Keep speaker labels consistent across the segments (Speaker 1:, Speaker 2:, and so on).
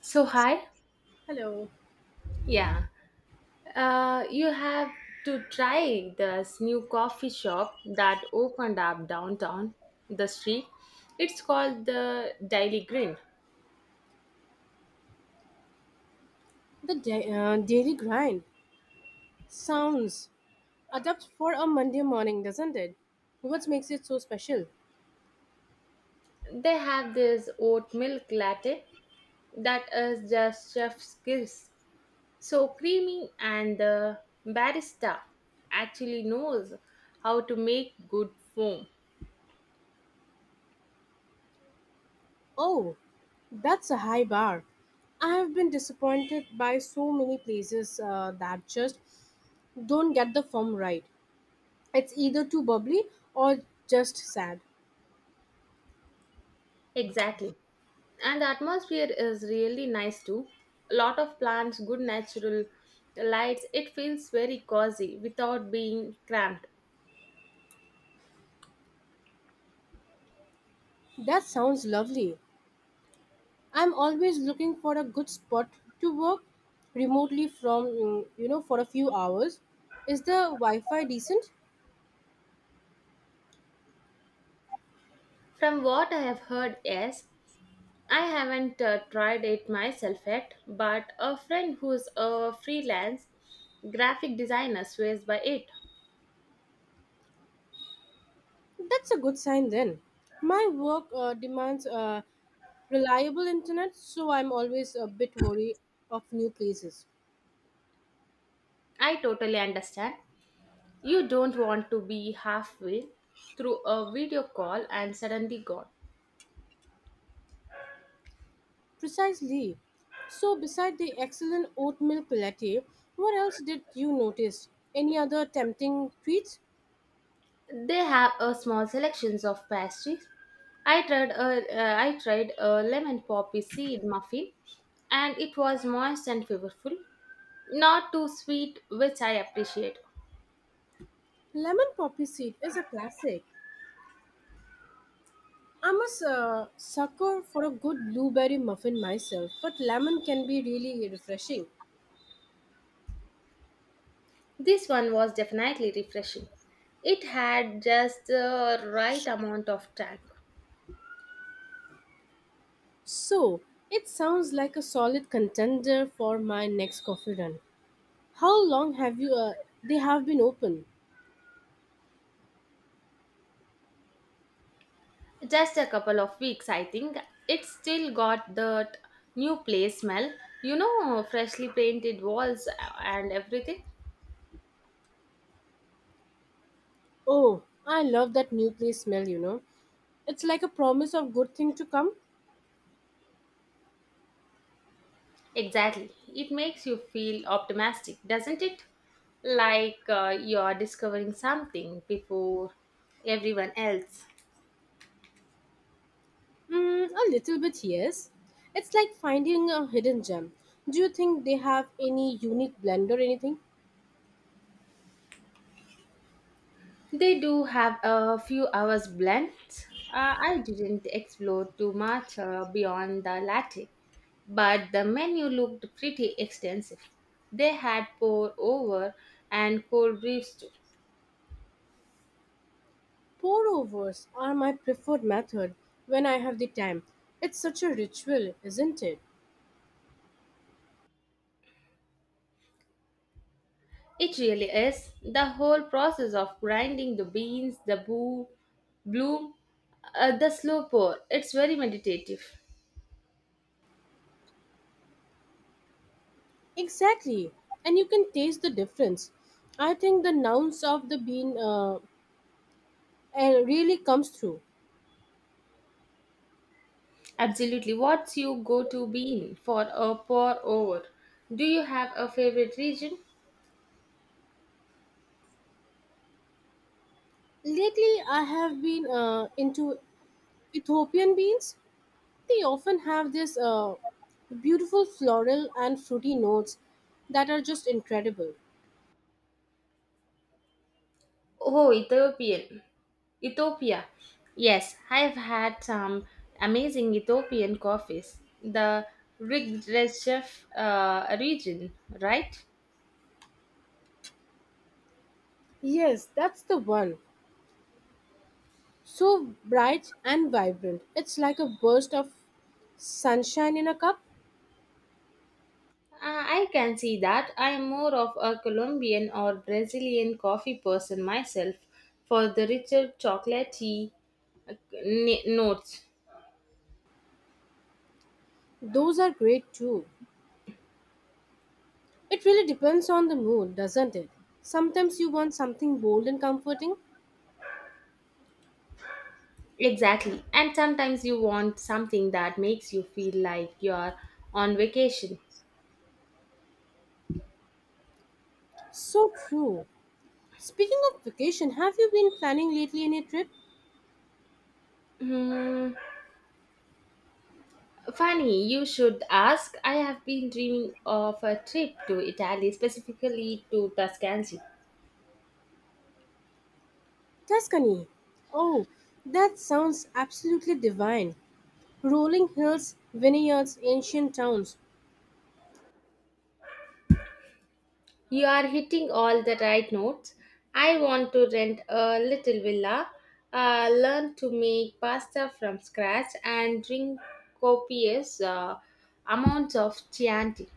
Speaker 1: So hi,
Speaker 2: Hello.
Speaker 1: yeah, you have to try this new coffee shop that opened up downtown the street. It's called the Daily Green.
Speaker 2: The daily grind sounds adept for a Monday morning, doesn't it? What makes it so special?
Speaker 1: They have this oat milk latte that is just chef's kiss. So creamy and the barista actually knows how to make good foam.
Speaker 2: Oh, that's a high bar. I have been disappointed by so many places that just don't get the form right. It's either too bubbly or just sad.
Speaker 1: Exactly. And the atmosphere is really nice too. A lot of plants, good natural lights. It feels very cozy without being cramped.
Speaker 2: That sounds lovely. I'm always looking for a good spot to work remotely from for a few hours. Is the Wi Fi decent?
Speaker 1: From what I have heard, yes, I haven't tried it myself yet, but a friend who's a freelance graphic designer swears by it.
Speaker 2: That's a good sign then. My work demands reliable internet, so I'm always a bit wary of new places.
Speaker 1: I totally understand. You don't want to be halfway through a video call and suddenly gone.
Speaker 2: Precisely. So, beside the excellent oat milk latte, what else did you notice? Any other tempting treats?
Speaker 1: They have a small selections of pastries. I tried a lemon poppy seed muffin, and it was moist and flavorful, not too sweet, which I appreciate.
Speaker 2: Lemon poppy seed is a classic. I'm a sucker for a good blueberry muffin myself, but lemon can be really refreshing.
Speaker 1: This one was definitely refreshing. It had just the right amount of tank.
Speaker 2: So, it sounds like a solid contender for my next coffee run. How long have you they have been open?
Speaker 1: Just a couple of weeks, I think. It still got the new place smell. You know, freshly painted walls and everything.
Speaker 2: Oh, I love that new place smell, you know. It's like a promise of good thing to come.
Speaker 1: Exactly. It makes you feel optimistic, doesn't it? Like you're discovering something before everyone else.
Speaker 2: Mm, a little bit, yes. It's like finding a hidden gem. Do you think they have any unique blend or anything?
Speaker 1: They do have a few hours blend. I didn't explore too much beyond the latte, but the menu looked pretty extensive. They had pour over and cold brews too.
Speaker 2: Pour overs are my preferred method when I have the time. It's such a ritual, isn't it?
Speaker 1: It really is. The whole process of grinding the beans, bloom, the slow pour. It's very meditative.
Speaker 2: Exactly. And you can taste the difference. I think the nuance of the bean really comes through.
Speaker 1: Absolutely. What's your go to bean for a pour over? Do you have a favorite region?
Speaker 2: Lately, I have been into Ethiopian beans. They often have this beautiful floral and fruity notes that are just incredible.
Speaker 1: Oh, Ethiopia. Yes, I've had some amazing Ethiopian coffees. The Rigdreshev region, right?
Speaker 2: Yes, that's the one. So bright and vibrant. It's like a burst of sunshine in a cup.
Speaker 1: I can see that. I am more of a Colombian or Brazilian coffee person myself for the richer chocolatey, uh, notes.
Speaker 2: Those are great too. It really depends on the mood, doesn't it? Sometimes you want something bold and comforting.
Speaker 1: Exactly. And sometimes you want something that makes you feel like you're on vacation.
Speaker 2: So true. Speaking of vacation, have you been planning lately any trip?
Speaker 1: Hmm. Funny, you should ask. I have been dreaming of a trip to Italy, specifically to Tuscany.
Speaker 2: Tuscany. Oh, that sounds absolutely divine. Rolling hills, vineyards, ancient towns.
Speaker 1: You are hitting all the right notes. I want to rent a little villa, learn to make pasta from scratch, and drink copious amounts of Chianti.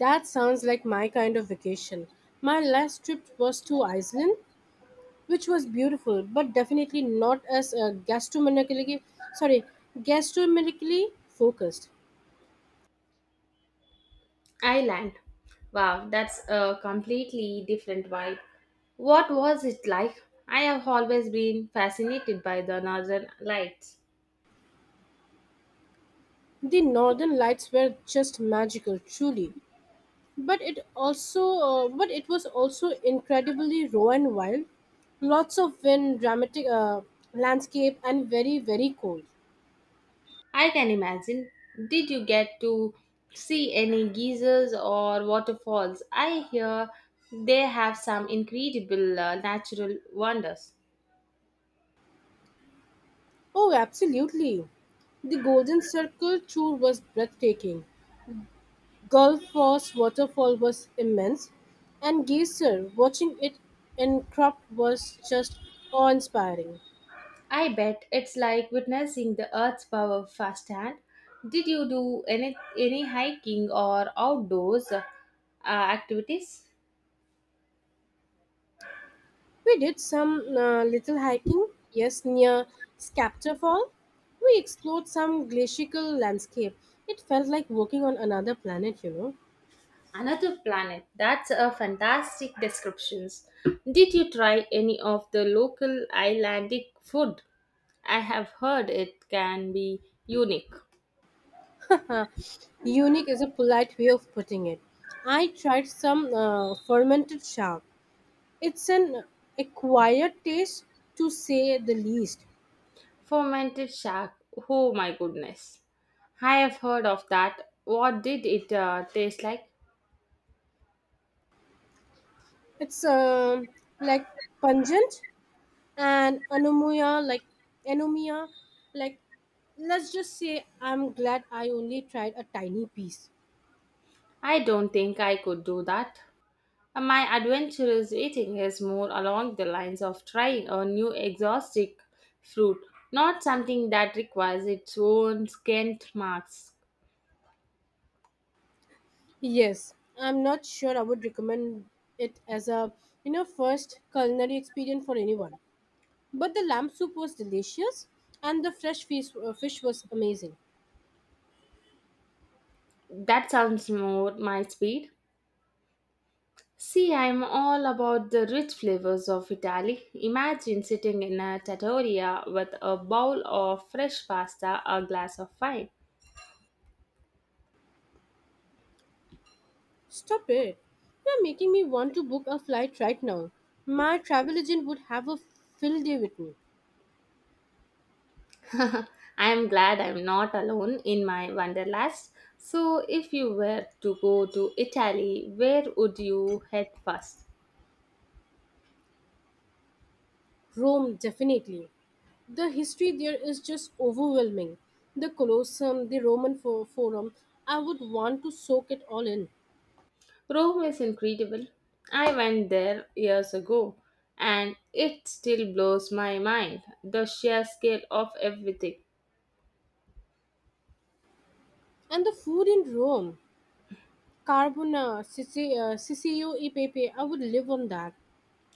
Speaker 2: That sounds like my kind of vacation. My last trip was to Iceland, which was beautiful, but definitely not as gastronomically, sorry, gastronomically focused.
Speaker 1: Island. Wow, that's a completely different vibe. What was it like? I have always been fascinated by the northern lights.
Speaker 2: The northern lights were just magical, truly, but it also but it was also incredibly raw and wild, lots of wind, dramatic landscape, and very cold.
Speaker 1: I can imagine. Did you get to see any geysers or waterfalls? I hear they have some incredible natural wonders.
Speaker 2: Oh, absolutely, the golden circle tour was breathtaking. Gulf Force waterfall was immense, and geyser watching it erupt was just awe-inspiring.
Speaker 1: I bet it's like witnessing the earth's power firsthand. Did you do any hiking or outdoors activities?
Speaker 2: We did some little hiking, yes, near Skapta Fall. We explored some glacial landscape. It felt like walking on another planet, you
Speaker 1: Another planet. That's a fantastic descriptions. Did you try any of the local Icelandic food? I have heard it can be unique.
Speaker 2: know. Unique is a polite way of putting it. I tried some fermented shark. It's an acquired taste, to say the least.
Speaker 1: Fermented shark. Oh my goodness. I have heard of that. What did it taste like?
Speaker 2: It's like pungent and anemia, like anemia, like, let's just say I'm glad I only tried a tiny piece.
Speaker 1: I don't think I could do that. My adventurous eating is more along the lines of trying a new exotic fruit, not something that requires its own skint marks.
Speaker 2: Yes, I'm not sure I would recommend it as a, you know, first culinary experience for anyone, but the lamb soup was delicious, and the fresh fish was amazing.
Speaker 1: That sounds more my speed. See, I'm all about the rich flavors of Italy. Imagine sitting in a trattoria with a bowl of fresh pasta, a glass of wine.
Speaker 2: Stop it, you're making me want to book a flight right now. My travel agent would have a fill day with me.
Speaker 1: I'm glad I'm not alone in my wanderlust. So, if you were to go to Italy, where would you head first?
Speaker 2: Rome, definitely. The history there is just overwhelming. The Colosseum, the Forum, I would want to soak it all in.
Speaker 1: Rome is incredible. I went there years ago and it still blows my mind the sheer scale of everything.
Speaker 2: And the food in Rome, carbona, siccio e pepe, I would live on that.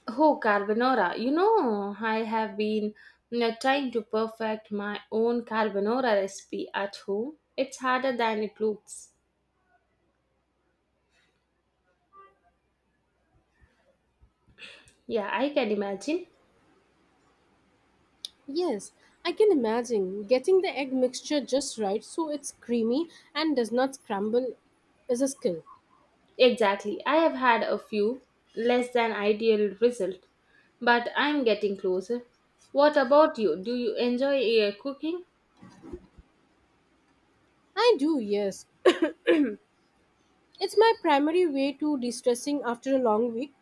Speaker 1: Oh, carbonara. You know, I have been trying to perfect my own carbonara recipe at home. It's harder than it looks. Yeah, I can imagine.
Speaker 2: Yes, I can imagine getting the egg mixture just right so it's creamy and does not scramble is a skill.
Speaker 1: Exactly. I have had a few less than ideal result, but I'm getting closer. What about you? Do you enjoy cooking?
Speaker 2: I do, yes. It's my primary way to de stressing after a long week.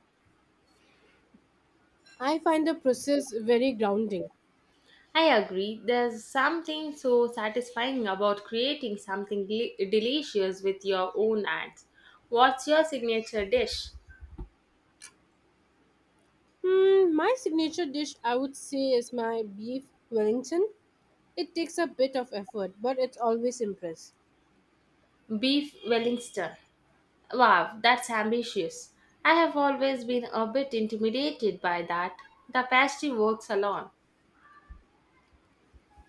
Speaker 2: I find the process very grounding.
Speaker 1: I agree. There's something so satisfying about creating something delicious with your own hands. What's your signature dish?
Speaker 2: Hmm, my signature dish, I would say, is my beef Wellington. It takes a bit of effort, but it's always impress.
Speaker 1: Beef Wellington. Wow, that's ambitious. I have always been a bit intimidated by that. The pastry works alone.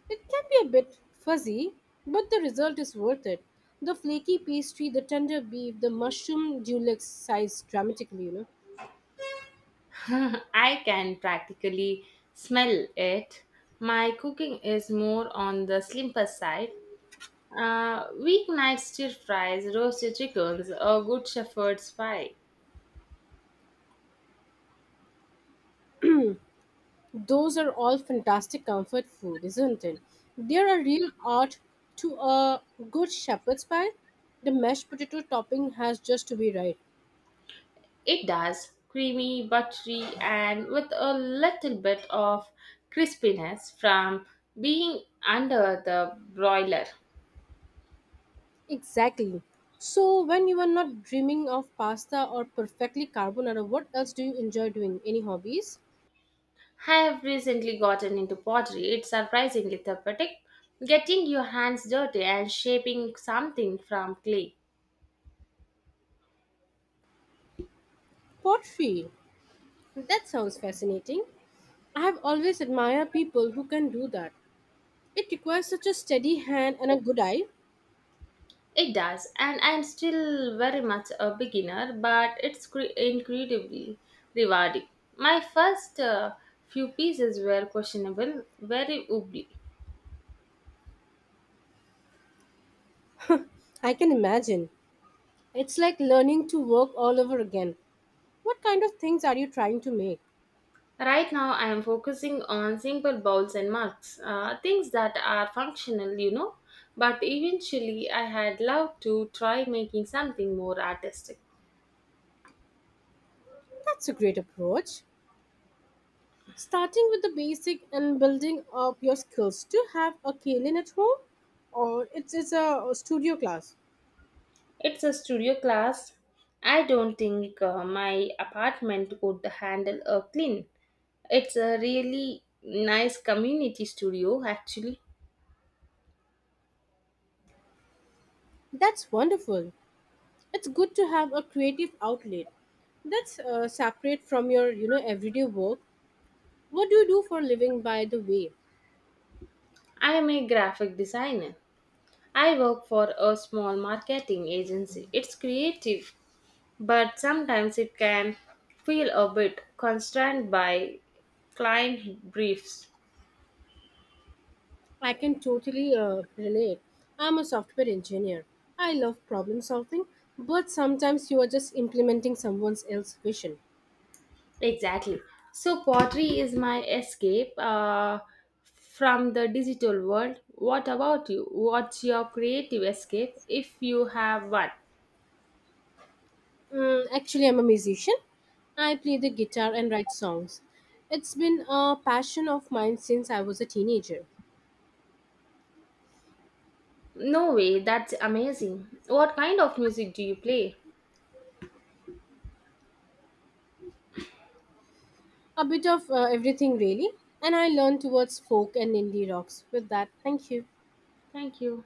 Speaker 2: It can be a bit fuzzy, but the result is worth it. The flaky pastry, the tender beef, the mushroom dulux size dramatically, you know.
Speaker 1: I can practically smell it. My cooking is more on the slimper side. Weeknight stir fries, roasted chickens, a good shepherd's pie.
Speaker 2: Those are all fantastic comfort food, isn't it? They're a real art to a good shepherd's pie. The mashed potato topping has just to be right.
Speaker 1: It does. Creamy, buttery, and with a little bit of crispiness from being under the broiler.
Speaker 2: Exactly. So, when you are not dreaming of pasta or perfectly carbonara, what else do you enjoy doing? Any hobbies?
Speaker 1: I have recently gotten into pottery. It's surprisingly therapeutic. Getting your hands dirty and shaping something from clay.
Speaker 2: Pottery. That sounds fascinating. I have always admired people who can do that. It requires such a steady hand and a good eye.
Speaker 1: It does, and I'm still very much a beginner, but it's incredibly rewarding. My first few pieces were questionable, very wobbly.
Speaker 2: I can imagine. It's like learning to work all over again. What kind of things are you trying to make?
Speaker 1: Right now, I am focusing on simple bowls and mugs, things that are functional, you know. But eventually, I had loved to try making something more artistic.
Speaker 2: That's a great approach. Starting with the basic and building up your skills. Do you have a Kaylin at home? Or it's a studio class?
Speaker 1: It's a studio class. I don't think my apartment could handle a clean. It's a really nice community studio, actually.
Speaker 2: That's wonderful. It's good to have a creative outlet. That's separate from your, you know, everyday work. What do you do for a living, by the way?
Speaker 1: I am a graphic designer. I work for a small marketing agency. It's creative, but sometimes it can feel a bit constrained by client briefs.
Speaker 2: I can totally relate. I'm a software engineer. I love problem solving, but sometimes you are just implementing someone else's vision.
Speaker 1: Exactly. So pottery is my escape from the digital world. What about you? What's your creative escape if you have one?
Speaker 2: Mm, actually, I'm a musician. I play the guitar and write songs. It's been a passion of mine since I was a teenager.
Speaker 1: No way, that's amazing. What kind of music do you play?
Speaker 2: A bit of everything, really. And I learned towards folk and indie rocks. With that, thank you.
Speaker 1: Thank you.